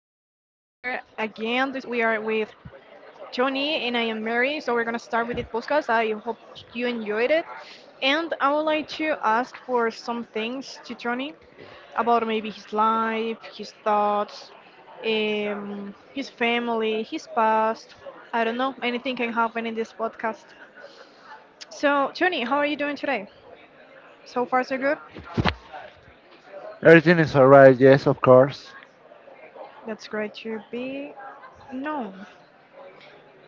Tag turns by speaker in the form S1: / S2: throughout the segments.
S1: are with Tony and I am Mary. So we're gonna start with this podcast. I hope you enjoyed it, and I would like to ask for some things to Tony about maybe his life, his thoughts, his family, his past. I don't know. Anything can happen in this podcast. So Tony, how are you doing today? So far, so good.
S2: Everything is alright. Yes, of course.
S1: That's great to be. No,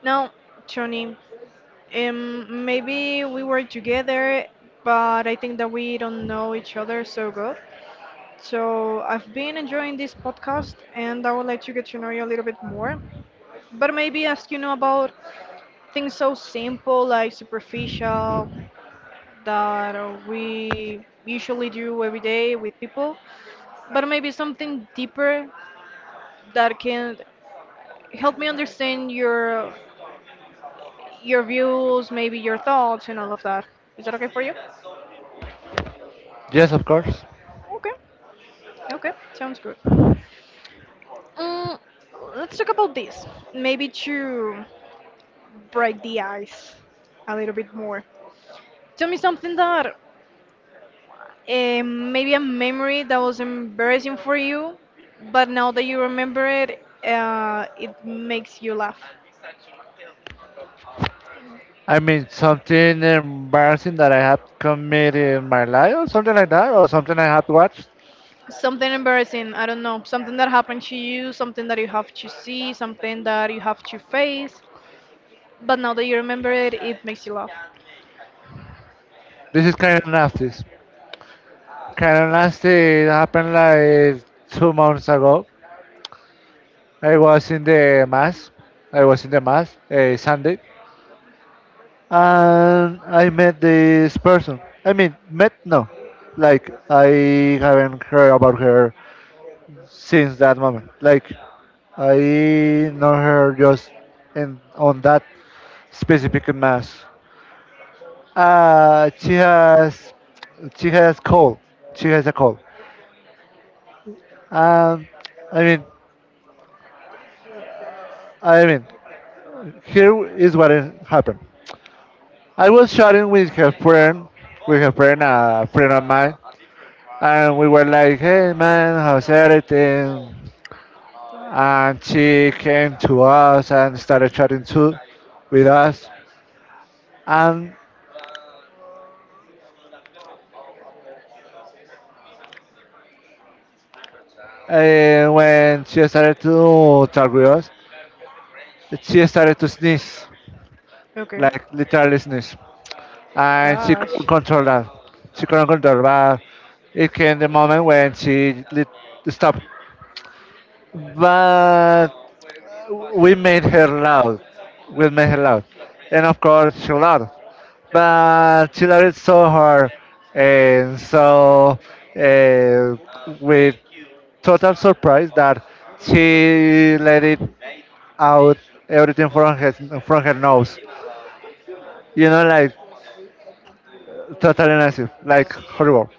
S1: now, Tony. Maybe we were together, but I think that we don't know each other so good. So I've been enjoying this podcast, and I would like to get to know you a little bit more. But maybe ask about things so simple, like superficial, that we usually do every day with people. But maybe something deeper that can help me understand your views, maybe your thoughts, and all of that. Is that okay for you?
S2: Yes, of course.
S1: Okay. Okay, sounds good. Mm, let's talk about this. Maybe to break the ice a little bit more. Tell me something that maybe a memory that was embarrassing for you, but now that you remember it, it makes you laugh.
S2: I mean, something embarrassing that I have committed in my life, or something like that, or something I have watched.
S1: Something embarrassing, I don't know. Something that happened to you, something that you have to see, something that you have to face, but now that you remember it, it makes you laugh.
S2: This is kind of nasty. Kind of nasty. It happened like 2 months ago. I was in the mass. I was in the mass a Sunday, and I met this person. I mean, met no, like I haven't heard about her since that moment. Like I know her just in on that specific mass. Uh, she has she has cold. She has a cold. Um, I mean, I mean, here is what it happened. I was chatting with her friend, a friend of mine, and we were like, "Hey man, how's everything?" And she came to us and started chatting too with us. And And when she started to talk with us, she started to sneeze,
S1: Okay.
S2: like literally sneeze. And she couldn't
S1: Gosh.
S2: control that. She couldn't control but it came the moment when she lit, stopped. But we made her loud. We made her loud. And of course, she loud. But she loved it so hard. And so, uh, with total surprise that she let it out everything from his from her nose. You know, like totally nasty, like horrible.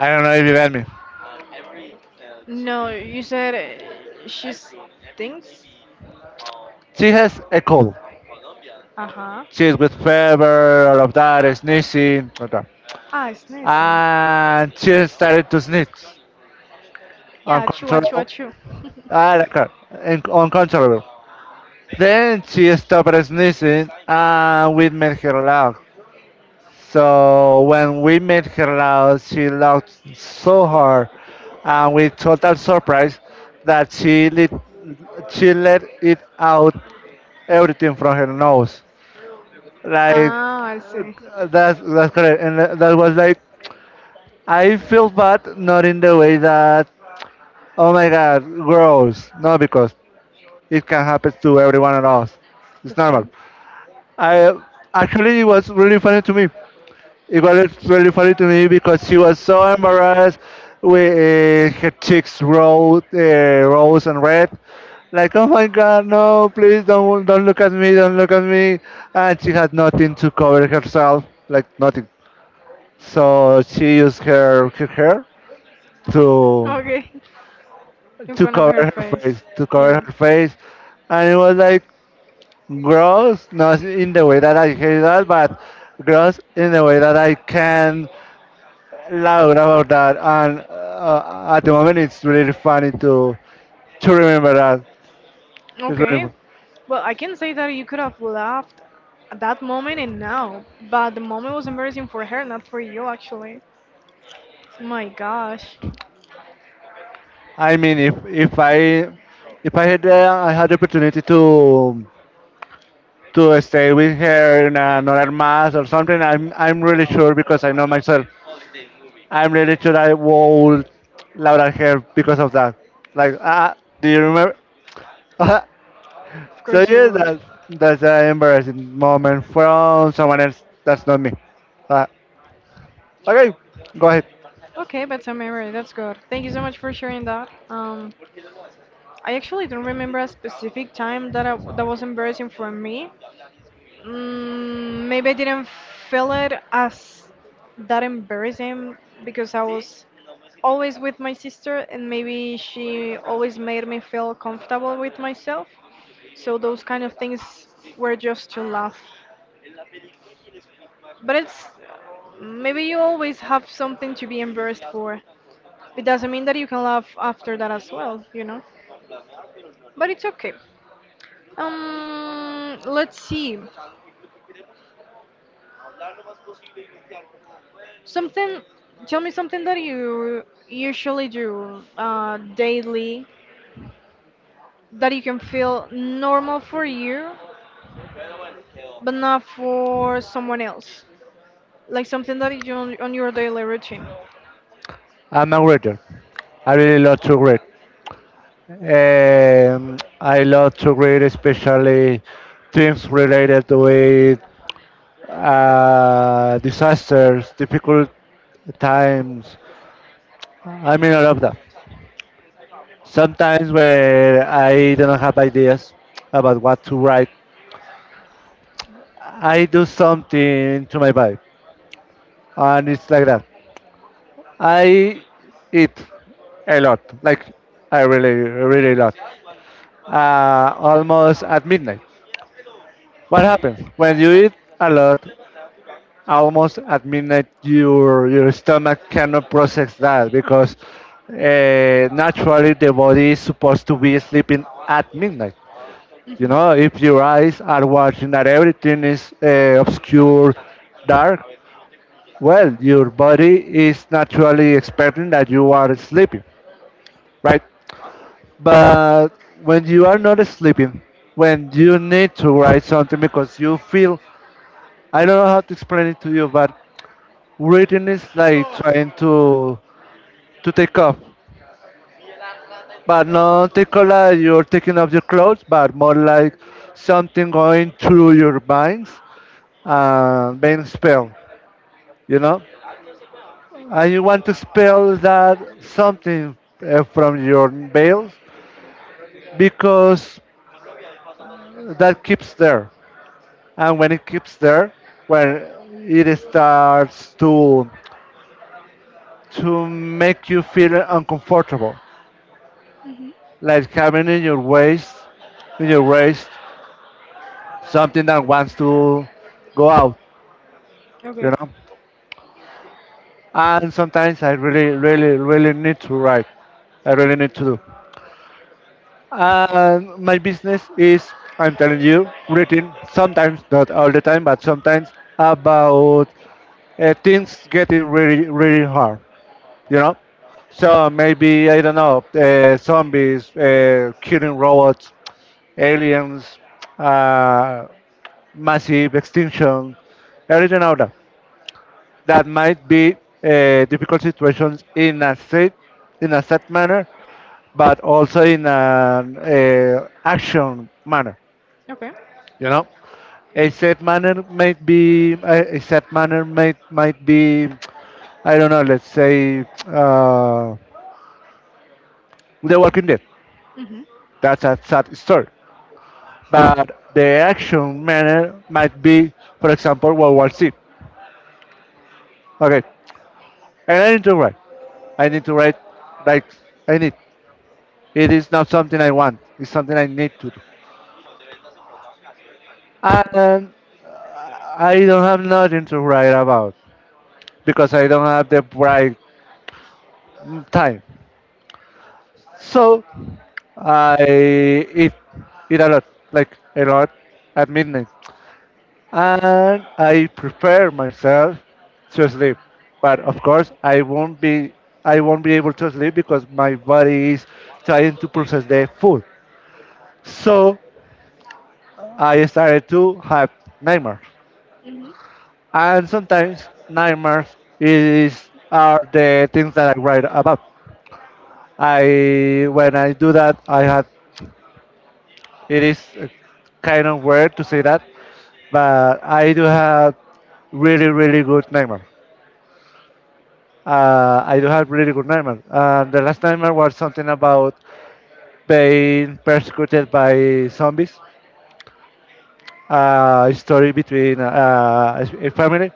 S2: I don't know if you get me.
S1: No, you said she stinks?
S2: She has a cold.
S1: Uh huh.
S2: She's with fever, all of that, sneezing, all that.
S1: Ah, it's nice.
S2: And she started to sneeze
S1: Yeah, achoo, achoo,
S2: uncontrollable.
S1: achoo.
S2: I like her, uncontrollable. Then she stopped sneezing and we made her laugh. So when we met her out, she laughed so hard and with total surprise that she lit, she let it out everything from her nose. Like
S1: Ah, I see.
S2: that's correct, and that was like I feel bad, not in the way that oh my God, gross. No, because it can happen to every one of us. It's
S1: That's
S2: normal.
S1: true.
S2: I actually it was really funny to me. It was really funny to me because she was so embarrassed with her cheeks rose, rose and red. Like, oh my God, no! Please don't look at me, don't look at me. And she had nothing to cover herself, like nothing. So she used her hair to
S1: Okay. In
S2: to
S1: front of
S2: cover
S1: her
S2: her
S1: face.
S2: face, to cover
S1: Yeah.
S2: her face, and it was like gross, not in the way that I hate that, but gross in the way that I can loud about that, and at the moment it's really funny to remember that. It's really
S1: Okay.
S2: fun.
S1: Well, I can say that you could have laughed at that moment and now, but the moment was embarrassing for her, not for you, actually. My gosh.
S2: I mean, if I if I had I had the opportunity to stay with her in another mass or something, I'm really sure because I know myself. I'm really sure I would loud at her because of that. Like, ah, do you remember?
S1: Of
S2: So
S1: course you
S2: yeah,
S1: would.
S2: that that's an embarrassing moment from someone else. That's not me. Uh, Okay, go ahead.
S1: Okay, but some memory that's good. Thank you so much for sharing that. I actually don't remember a specific time that was embarrassing for me. Maybe I didn't feel it as that embarrassing because I was always with my sister, and maybe she always made me feel comfortable with myself. So those kind of things were just to laugh. But it's maybe you always have something to be embarrassed for. It doesn't mean that you can laugh after that as well, you know? But it's okay. Let's see. Something, tell me something that you usually do daily that you can feel normal for you, but not for someone else. Like something that you do on your daily routine.
S2: I'm a reader. I really love to read. I love to read especially things related with disasters, difficult times. I mean, I love that. Sometimes when I don't have ideas about what to write, I do something to my body, and it's like that. I eat a lot, like I really, really lot. Almost at midnight. What happens when you eat a lot? Almost at midnight, your stomach cannot process that because naturally the body is supposed to be sleeping at midnight. You
S1: Mhm.
S2: know, if your eyes are watching that everything is obscure, dark, well, your body is naturally expecting that you are sleeping, right? But when you are not sleeping, when you need to write something because you feel, I don't know how to explain it to you, but writing is like trying to take off, but not take off like you're taking off your clothes, but more like something going through your minds and being spelled, you know. And you want to spell that something from your veils because that keeps there. And when it keeps there, when it starts to make you feel uncomfortable,
S1: Mhm.
S2: like having in your waist something that wants to go out, you
S1: Okay.
S2: know. And sometimes I really really really need to write. I really need to do. And my business is, I'm telling you, written sometimes, not all the time, but sometimes about things getting really really hard, you know. So maybe I don't know, zombies, killing robots, aliens, uh, massive extinction, everything out there. That might be difficult situations in a safe manner, but also in an action manner.
S1: Okay.
S2: You know, a safe manner might be a, safe manner might be, I don't know. Let's say uh, the Walking Dead.
S1: Mhm.
S2: That's a sad story. But the action manner might be, for example, World War C. Okay, and I need to write. I need to write like I need. It is not something I want. It's something I need to do. And I don't have nothing to write about because I don't have the right time. So I eat a lot, like a lot at midnight. And I prepare myself to sleep. But of course, I won't be able to sleep because my body is trying to process the food. So I started to have nightmares,
S1: Mhm.
S2: and sometimes nightmares is are the things that I write about. I when I do that, I had it is kind of weird to say that, but I do have really really good nightmares. And the last nightmare was something about being persecuted by zombies. A story between a family,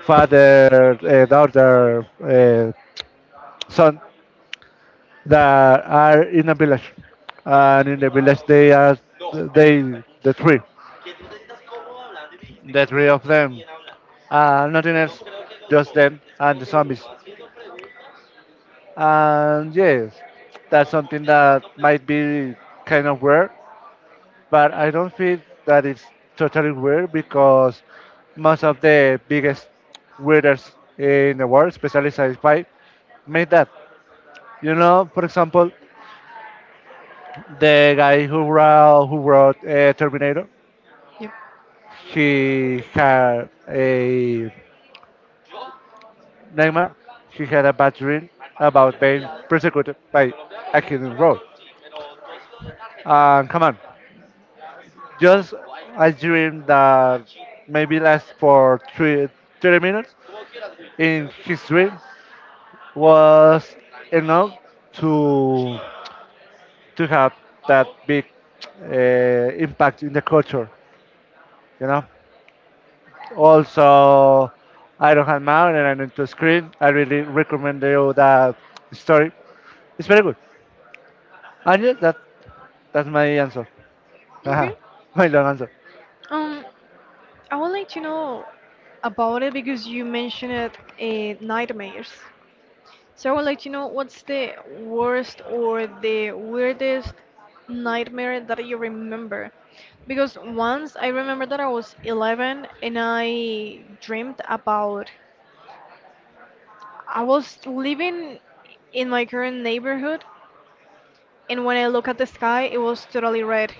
S2: father, daughter, son, that are in a village, and in the village they are the three, the three of them, nothing else, just them and the zombies. And yes, that's something that might be kind of weird, but I don't feel that it's totally weird because most of the biggest weirdos in the world, especially sci-fi, made that. You know, for example, the guy who wrote Terminator,
S1: Yep.
S2: he had a nightmare. He had a bad dream about being persecuted by a hidden road. And come on, just a dream that maybe lasts for 30 minutes. In his dream, was enough to to have that big impact in the culture. You know. Also, I don't have mine and I need to screen. I really recommend you that story. It's very good. And yes, that that's my answer. Haha,
S1: Okay.
S2: my long answer.
S1: Um, I would like to know about it because you mentioned it, nightmares. So I would like to know what's the worst or the weirdest nightmare that you remember. Because once I remember that I was 11 and I dreamed about I was living in my current neighborhood and when I look at the sky it was totally red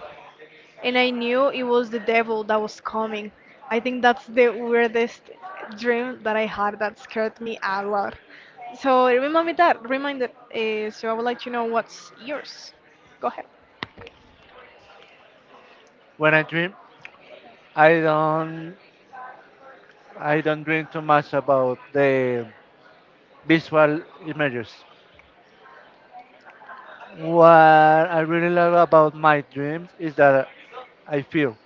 S1: and I knew it was the devil that was coming. I think that's the weirdest dream that I had that scared me a lot. So remind me reminded. So I would like to know what's yours. Go ahead.
S2: When I dream, I don't I don't dream too much about the visual images. What I really love about my dreams is that I feel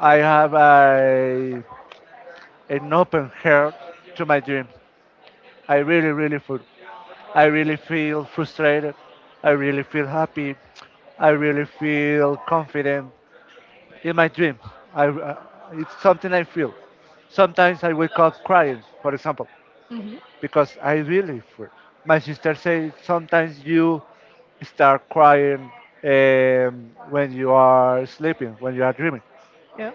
S2: I have a, an open heart to my dreams. I really, really feel. I really feel frustrated. I really feel happy. I really feel confident in my dreams. I, it's something I feel. Sometimes I wake up crying, for example,
S1: Hmm.
S2: because I really feel. My sister says sometimes you start crying when you are sleeping, when you are dreaming,
S1: Yeah.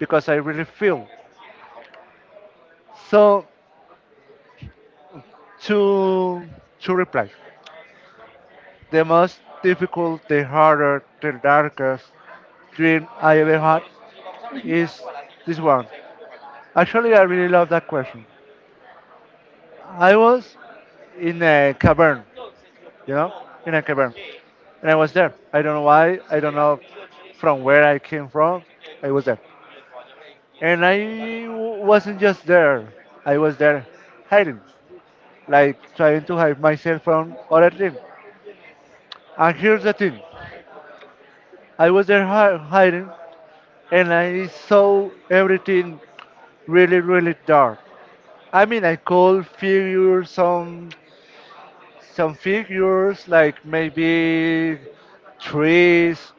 S2: because I really feel. So two, two replies. The most difficult, the harder, the darkest dream I ever had is this one. Actually, I really love that question. I was in a cavern, you know, in a cavern, and I was there. I don't know why. I don't know from where I came from. I was there, and I wasn't just there. I was there hiding, like trying to hide myself from other things. And here's the thing: I was there hiding and I saw everything really, really dark. I mean, I could figure some figures like maybe trees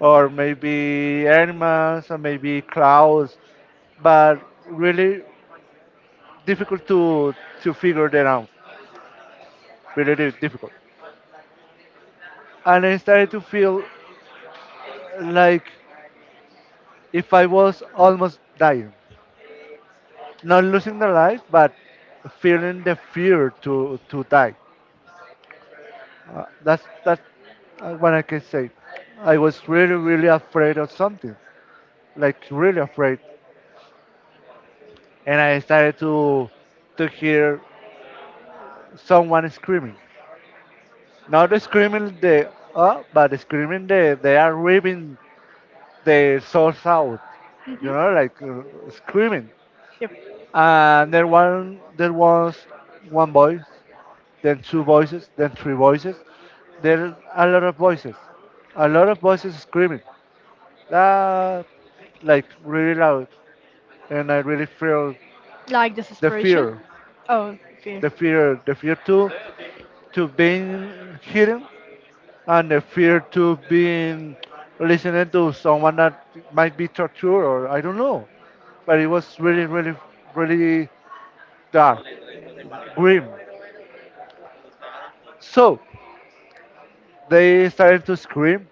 S2: or maybe animals or maybe clouds, but really difficult to figure them out. Really, really difficult. And I started to feel like if I was almost dying, not losing the life, but feeling the fear to die. That's what I can say. I was really really afraid of something, like really afraid, and I started to hear someone screaming. Not screaming the but screaming the they are ripping their souls out. You
S1: Mhm.
S2: know, like screaming.
S1: Yep.
S2: And there was one voice, then two voices, then three voices, then a lot of voices, a lot of voices screaming uh, like really loud, and I really feel
S1: Like
S2: the
S1: desperation?
S2: fear,
S1: Oh, fear.
S2: the fear to being hidden, and the fear to being listening to someone that might be tortured or I don't know. But it was really, really, really dark, grim. So they started to scream,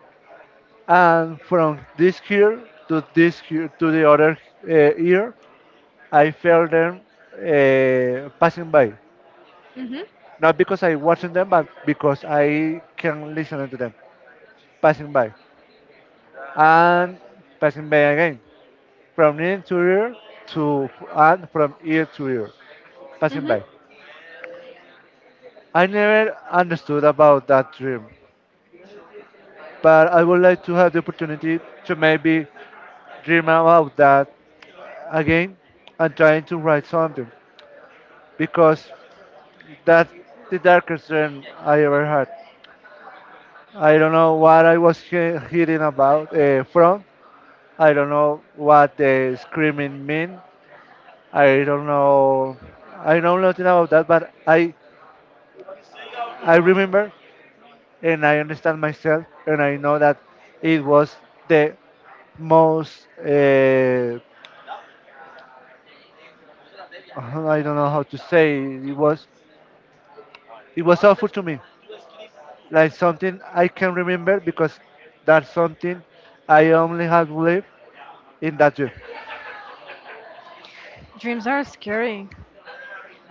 S2: and from this ear to the other ear, I felt them passing by.
S1: Hmm.
S2: Not because I watching them, but because I can listen to them passing by and passing by again from ear to ear to and from ear to ear passing
S1: Hmm.
S2: by. I never understood about that dream, but I would like to have the opportunity to maybe dream about that again and trying to write something because that's the darkest dream I ever had. I don't know what I was hearing about from, I don't know what the screaming mean. I don't know. I know nothing about that, but I remember and I understand myself, and I know that it was the most. I don't know how to say. It was awful to me, like something I can remember because that's something I only have lived in that dream.
S1: Dreams are scary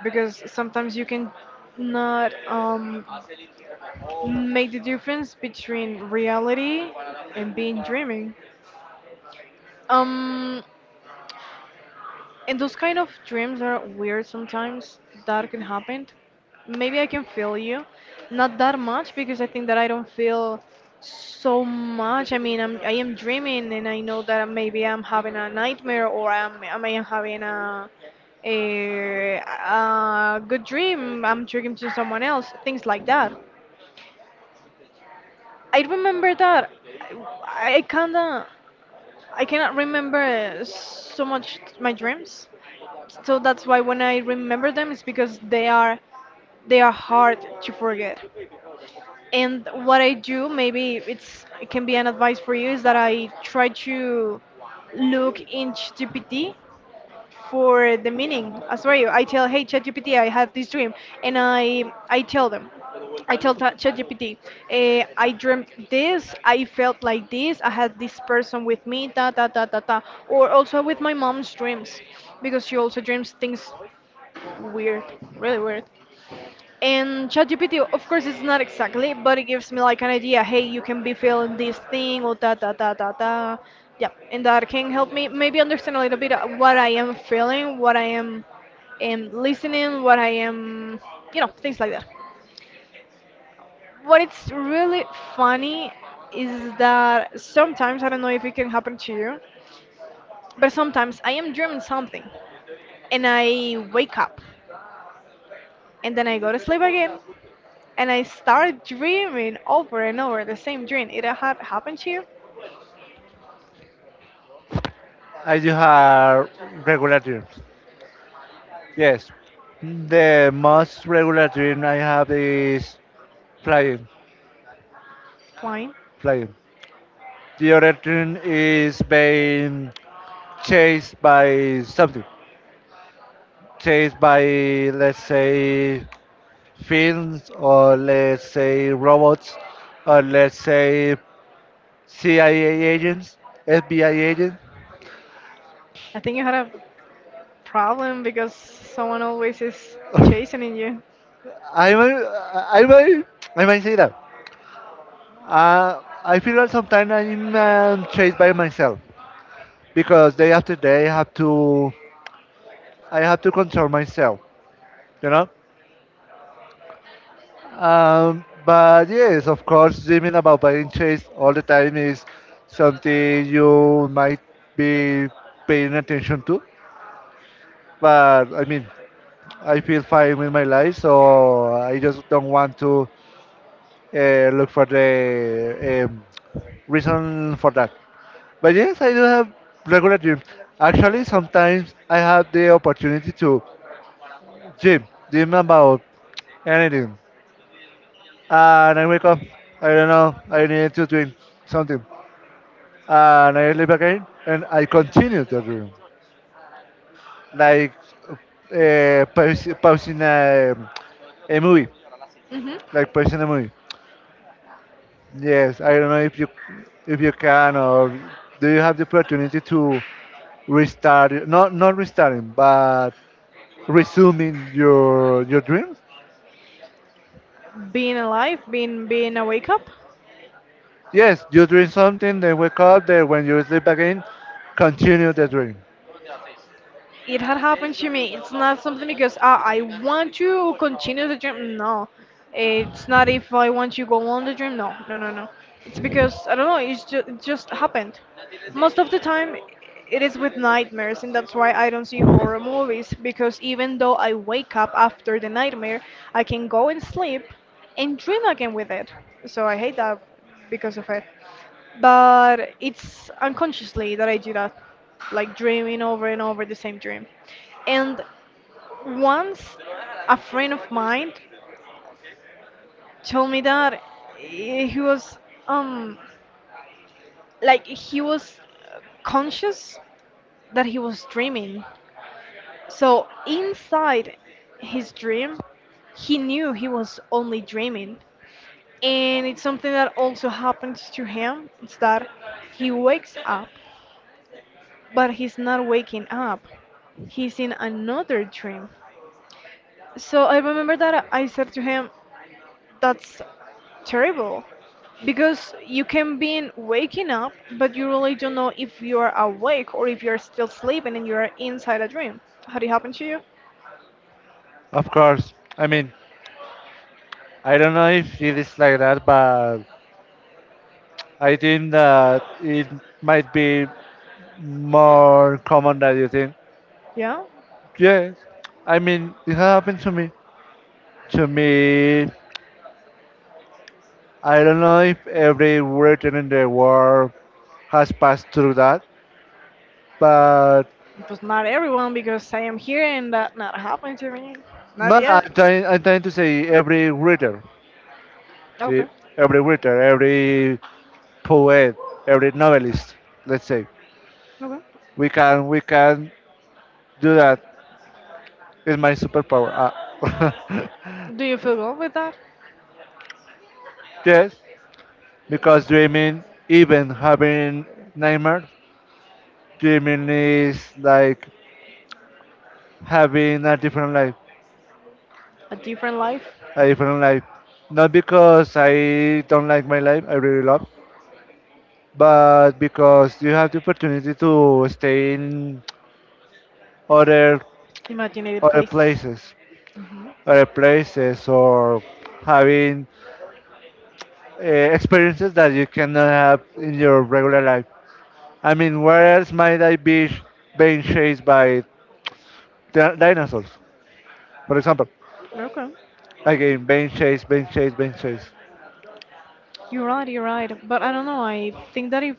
S1: because sometimes you can not make the difference between reality and being dreaming. Um, And those kind of dreams are weird sometimes. That can happen. Maybe I can feel you. Not that much because I think that I don't feel so much. I mean, I am dreaming and I know that maybe I'm having a nightmare or I may am having a, a good dream. I'm dreaming to someone else. Things like that. I remember that. I kinda I cannot remember so much my dreams, so that's why when I remember them, it's because they are hard to forget. And what I do, maybe it can be an advice for you, is that I try to look in ChatGPT for the meaning. I swear you, I tell, hey ChatGPT, I have this dream, and I tell them, I tell ChatGPT, I dreamt this, I felt like this, I had this person with me, ta ta ta ta ta, or also with my mom's dreams, because she also dreams things weird, really weird. And ChatGPT, of course, it's not exactly, but it gives me like an idea. Hey, you can be feeling this thing, or da da da da da. Yeah, and that can help me maybe understand a little bit of what I am feeling, am listening, you know, things like that. What it's really funny is that sometimes I don't know if it can happen to you, but sometimes I am dreaming something, and I wake up, and then I go to sleep again, and I started dreaming over and over the same dream. It had happened to you?
S2: I do have regular dreams. Yes, the most regular dream I have is flying,
S1: Fine.
S2: flying. The other dream is being chased by something, chased by let's say films or let's say robots or let's say CIA agents, FBI agents.
S1: I think you had a problem because someone always is chasing you.
S2: I might, I might, I might say that. I feel that sometimes I'm chased by myself because day after day I have to control myself, you know. But yes, of course, dreaming about being chased all the time is something you might be paying attention to. But I mean, I feel fine with my life, so I just don't want to look for the reason for that. But yes, I do have regular dreams. Actually, sometimes I have the opportunity to dream about anything. And I wake up. I don't know. I need to drink something, and I leave again, and I continue the room, like pausing a movie,
S1: Hmm.
S2: like pausing a movie. Yes, I don't know if you can, or do you have the opportunity to not restarting, but resuming your dreams?
S1: Being alive, being a wake up.
S2: Yes, you dream something, then wake up, then when you sleep again, continue the dream.
S1: It had happened to me. It's not something because I want to continue the dream. No, it's not if I want to go on the dream. No, no, no, no. It's because I don't know. It's just it just happened. Most of the time, it is with nightmares, and that's why I don't see horror movies because even though I wake up after the nightmare, I can go and sleep and dream again with it. So I hate that because of it, but it's unconsciously that I do that, like dreaming over and over the same dream. And once a friend of mine told me that he was um he was uh, conscious that he was dreaming. So inside his dream, he knew he was only dreaming. And it's something that also happens to him. It's that he wakes up, but he's not waking up. He's in another dream. So I remember that I said to him, that's terrible. Because you can be in waking up, but you really don't know if you are awake or if you're still sleeping and you are inside a dream. Had it happened to you?
S2: Of course, I mean, I don't know if it is like that, but I think that it might be more common than you think.
S1: Yeah?
S2: Yes, I mean, it has happened to me. To me, I don't know if every writer in the world has passed through that, but
S1: It was not everyone because I am here and that not happened to me. Not
S2: no,
S1: yet.
S2: I'm trying to say every writer, see,
S1: Okay.
S2: every writer, every poet, every novelist, let's say,
S1: Okay.
S2: we can do that is my superpower. Ah.
S1: Do you feel good with that?
S2: Yes, because dreaming, even having nightmares, dreaming is like having a different life,
S1: A different life?
S2: a different life. Not because I don't like my life, I really love, but because you have the opportunity to stay in other
S1: Imaginative
S2: other
S1: places.
S2: places,
S1: Hmm.
S2: other places, or having uh, experiences that you cannot have in your regular life. I mean, where else might I be being chased by dinosaurs, for example?
S1: Okay.
S2: Again, being chased, being chased, being chased.
S1: You're right, you're right. But I don't know, I think that if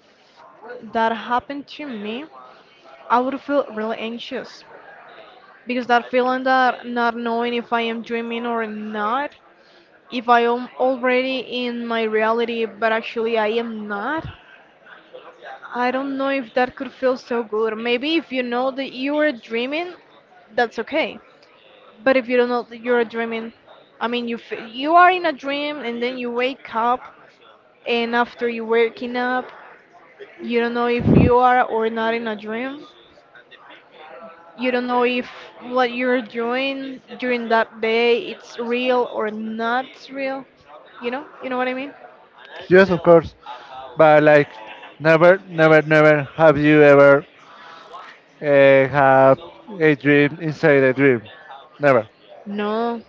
S1: that happened to me, I would feel really anxious. Because that feeling that not knowing if I am dreaming or not, if I am already in my reality, but actually I am not, I don't know if that could feel so good. Maybe if you know that you are dreaming, that's okay. But if you don't know that you're dreaming, I mean, you are in a dream and then you wake up, and after you waking up, you don't know if you are or not in a dream. You don't know if what you're doing during that day it's real or not real. You know? You know what I mean?
S2: Yes, of course, but like, never have you ever had a dream inside a dream. Never.
S1: No.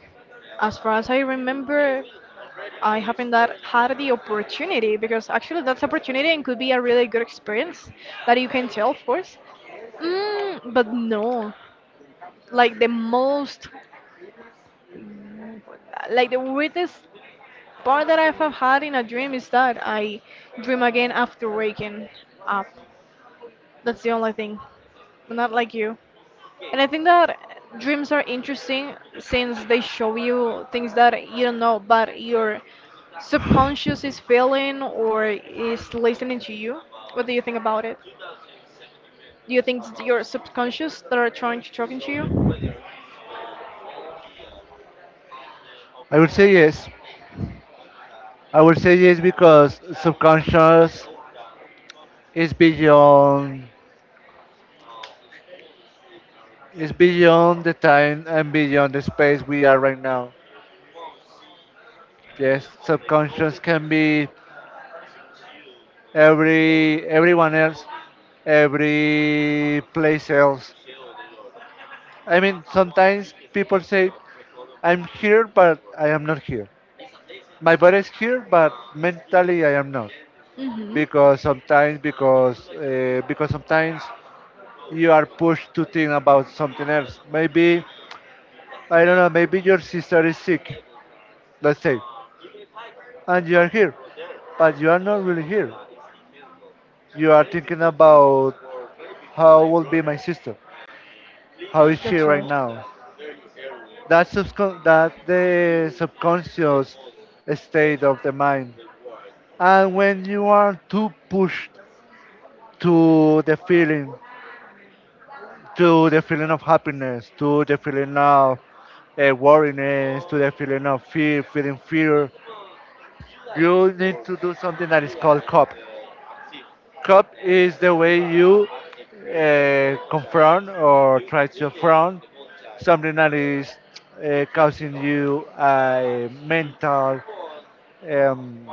S1: As far as I remember, I haven't that had the opportunity because actually that's opportunity and could be a really good experience that you can tell, of course. But no, like the most, like the weirdest part that I have had in a dream is that I dream again after waking up. That's the only thing. I'm not like you. And I think that dreams are interesting since they show you things that you don't know, but your subconscious is feeling or is listening to you. What do you think about it? Do you think it's your subconscious that are trying to talk into you?
S2: I would say yes. I would say yes because subconscious is beyond, is beyond the time and beyond the space we are right now. Yes, subconscious can be everyone else, every place else. I mean, sometimes people say, "I'm here, but I am not here. My body is here, but mentally I am not."
S1: Mm-hmm.
S2: Because sometimes, because sometimes you are pushed to think about something else. Maybe I don't know. Maybe your sister is sick, let's say, and you are here, but you are not really here. You are thinking about how will be my sister, how is she
S1: That's
S2: right
S1: right.
S2: now. That that's the subconscious state of the mind. And when you are too pushed to the feeling, to the feeling of happiness, to the feeling of worriness, to the feeling of fear, feeling fear, you need to do something that is called cup. Cup is the way you confront or try to affront something that is causing you a mental um,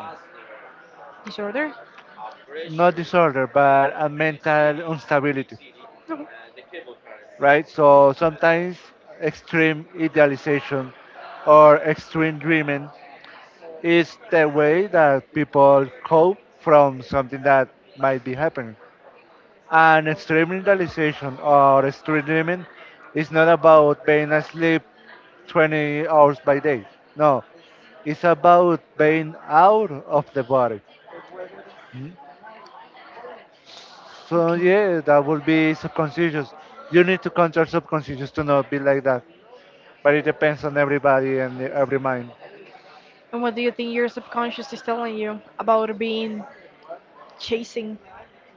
S1: Disorder?
S2: not disorder, but a mental instability,
S1: No.
S2: right? So sometimes extreme idealization or extreme dreaming is the way that people cope from something that might be happening. And extreme idealization or extreme dreaming is not about being asleep 20 hours by day. No, it's about being out of the body. So
S1: Okay. Okay.
S2: yeah, that would be subconscious. You need to control subconscious to not be like that. But it depends on everybody and every mind.
S1: And what do you think your subconscious is telling you about being chasing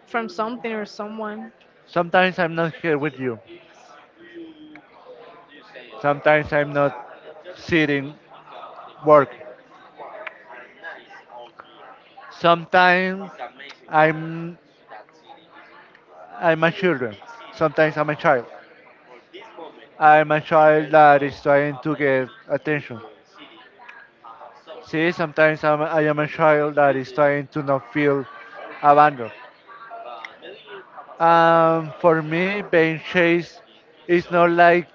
S1: from something or someone?
S2: Sometimes I'm not here with you. Sometimes I'm not sitting work. Sometimes I'm I'm a children. Sometimes I'm a child. I'm a child that is trying to get attention. See, I am a child that is trying to not feel abandoned. For me, being chased is not like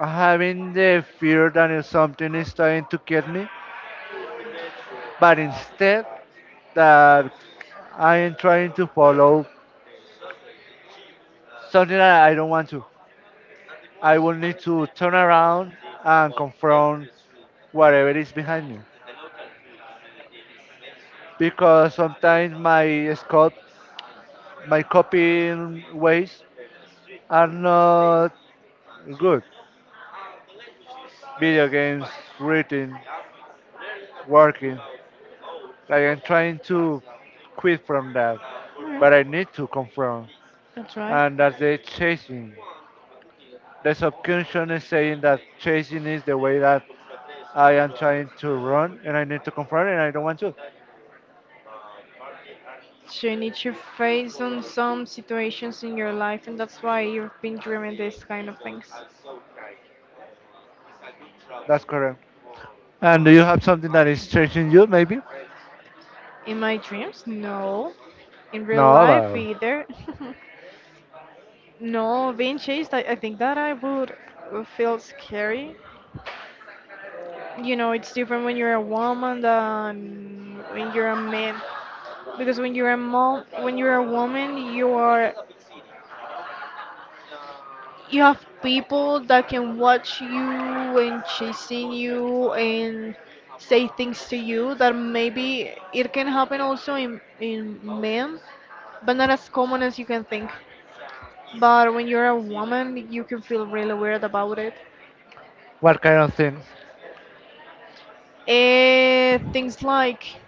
S2: having the fear that is something is trying to get me, but instead that I am trying to follow something that I don't want to. I will need to turn around and confront whatever is behind me because sometimes my scope, my copying ways are not good. Video games, reading, working. Like I'm trying to quit from that, but I
S1: Alright.
S2: need to confront,
S1: That's right.
S2: and that's the chasing. The subconscious is saying that chasing is the way that I am trying to run, and I need to confront, it, and I don't want to.
S1: So you need to face on some situations in your life, and that's why you've been dreaming these kind of things.
S2: That's correct. And do you have something that is chasing you, maybe?
S1: In my dreams? No. In real
S2: No,
S1: life,
S2: but
S1: either. No, being chased, I think that I would feel scary. You know, it's different when you're a woman than when you're a man. Because when you're a mom, when you're a woman, you are you have people that can watch you and chasing you and say things to you that maybe it can happen also in men, but not as common as you can think. But when you're a woman, you can feel really weird about it.
S2: what kind of things?
S1: Eh, things like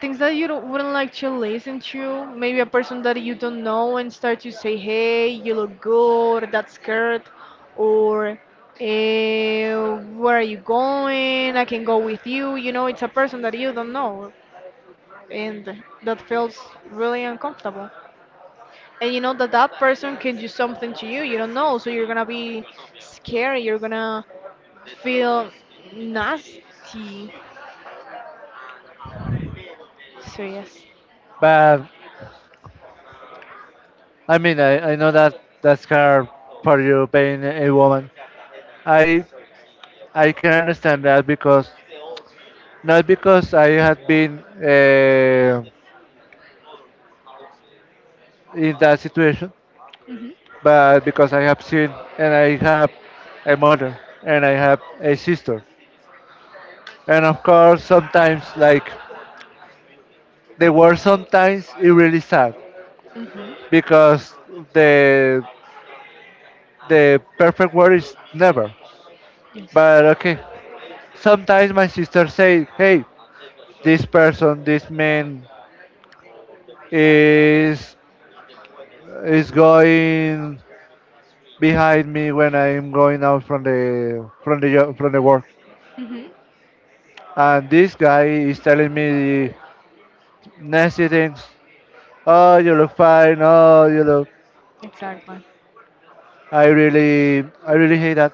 S1: things that you don't, wouldn't like to listen to. Maybe a person that you don't know and start to say, "Hey, you look good," or "That's good," or eh, "Where are you going? I can go with you." You know, it's a person that you don't know, and that feels really uncomfortable. And you know that that person can do something to you. You don't know, so you're gonna be scared. You're gonna feel nasty. So yes.
S2: But I mean, I know that that's hard for you being a woman. I I can understand that because not because I had been. In that situation,
S1: Mhm.
S2: but because I have seen and I have a mother and I have a sister. And of course, sometimes, like, they were sometimes it really sad
S1: Mm-hmm.
S2: because the the perfect word is never.
S1: Yes.
S2: But okay, sometimes my sister say, "Hey, this person, this man is is going behind me when I'm going out from the from the from the work,"
S1: Mm-hmm.
S2: and this guy is telling me nasty things. Oh, you look fine. Oh, you look.
S1: Exactly.
S2: I really hate that.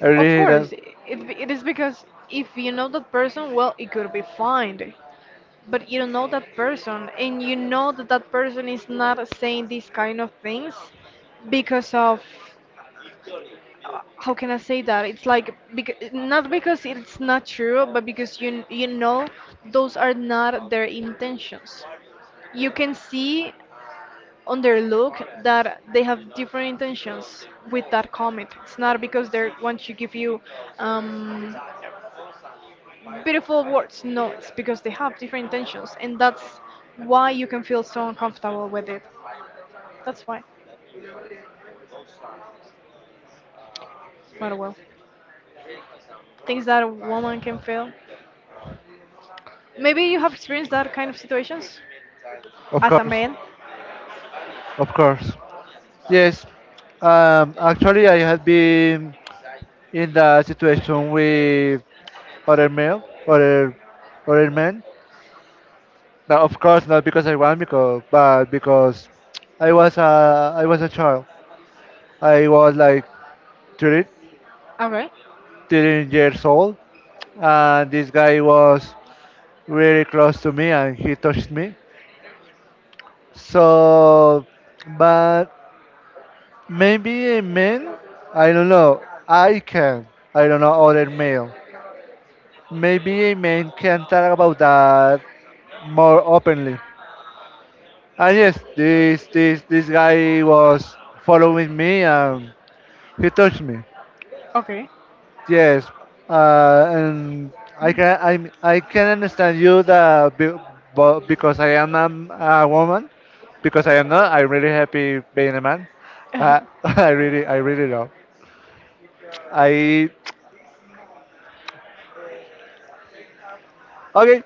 S2: I really
S1: Of
S2: hate that.
S1: course, it is because if you know that person, well, it could be fine. But you don't know that person, and you know that that person is not saying these kind of things because of how can I say that? It's like because, not because it's not true, but because you know those are not their intentions. You can see on their look that they have different intentions with that comment. It's not because they want to give you um, beautiful words. No, it's because they have different intentions, and that's why you can feel so uncomfortable with it. That's why. But well, things that a woman can feel. Maybe you have experienced that kind of situations
S2: Of
S1: as a
S2: course,
S1: man.
S2: of course. Yes. Actually, I had been in that situation with other male, other, other men. Now, of course, not because I want, because but because I was a child. I was like 30,
S1: Okay.
S2: 13 years old, and this guy was really close to me and he touched me. So, but maybe a man, I don't know, I can, I don't know, other male. Maybe a man can talk about that more openly. And yes, this guy was following me and he touched me.
S1: Okay.
S2: Yes, and I can understand you that be, but because I am a woman, because I am not, I'm really happy being a man. I really love. I okay.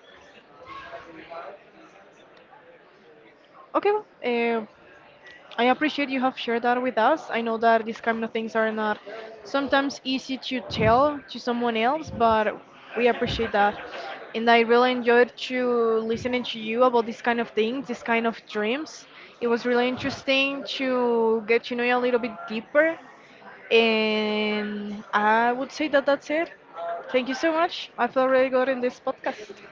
S1: Okay. Well, I appreciate you have shared that with us. I know that these kind of things are not sometimes easy to tell to someone else, but we appreciate that. And I really enjoyed to listening to you about these kind of things, these kind of dreams. It was really interesting to get to know you a little bit deeper. And I would say that that's it. Thank you so much. I feel really good in this podcast.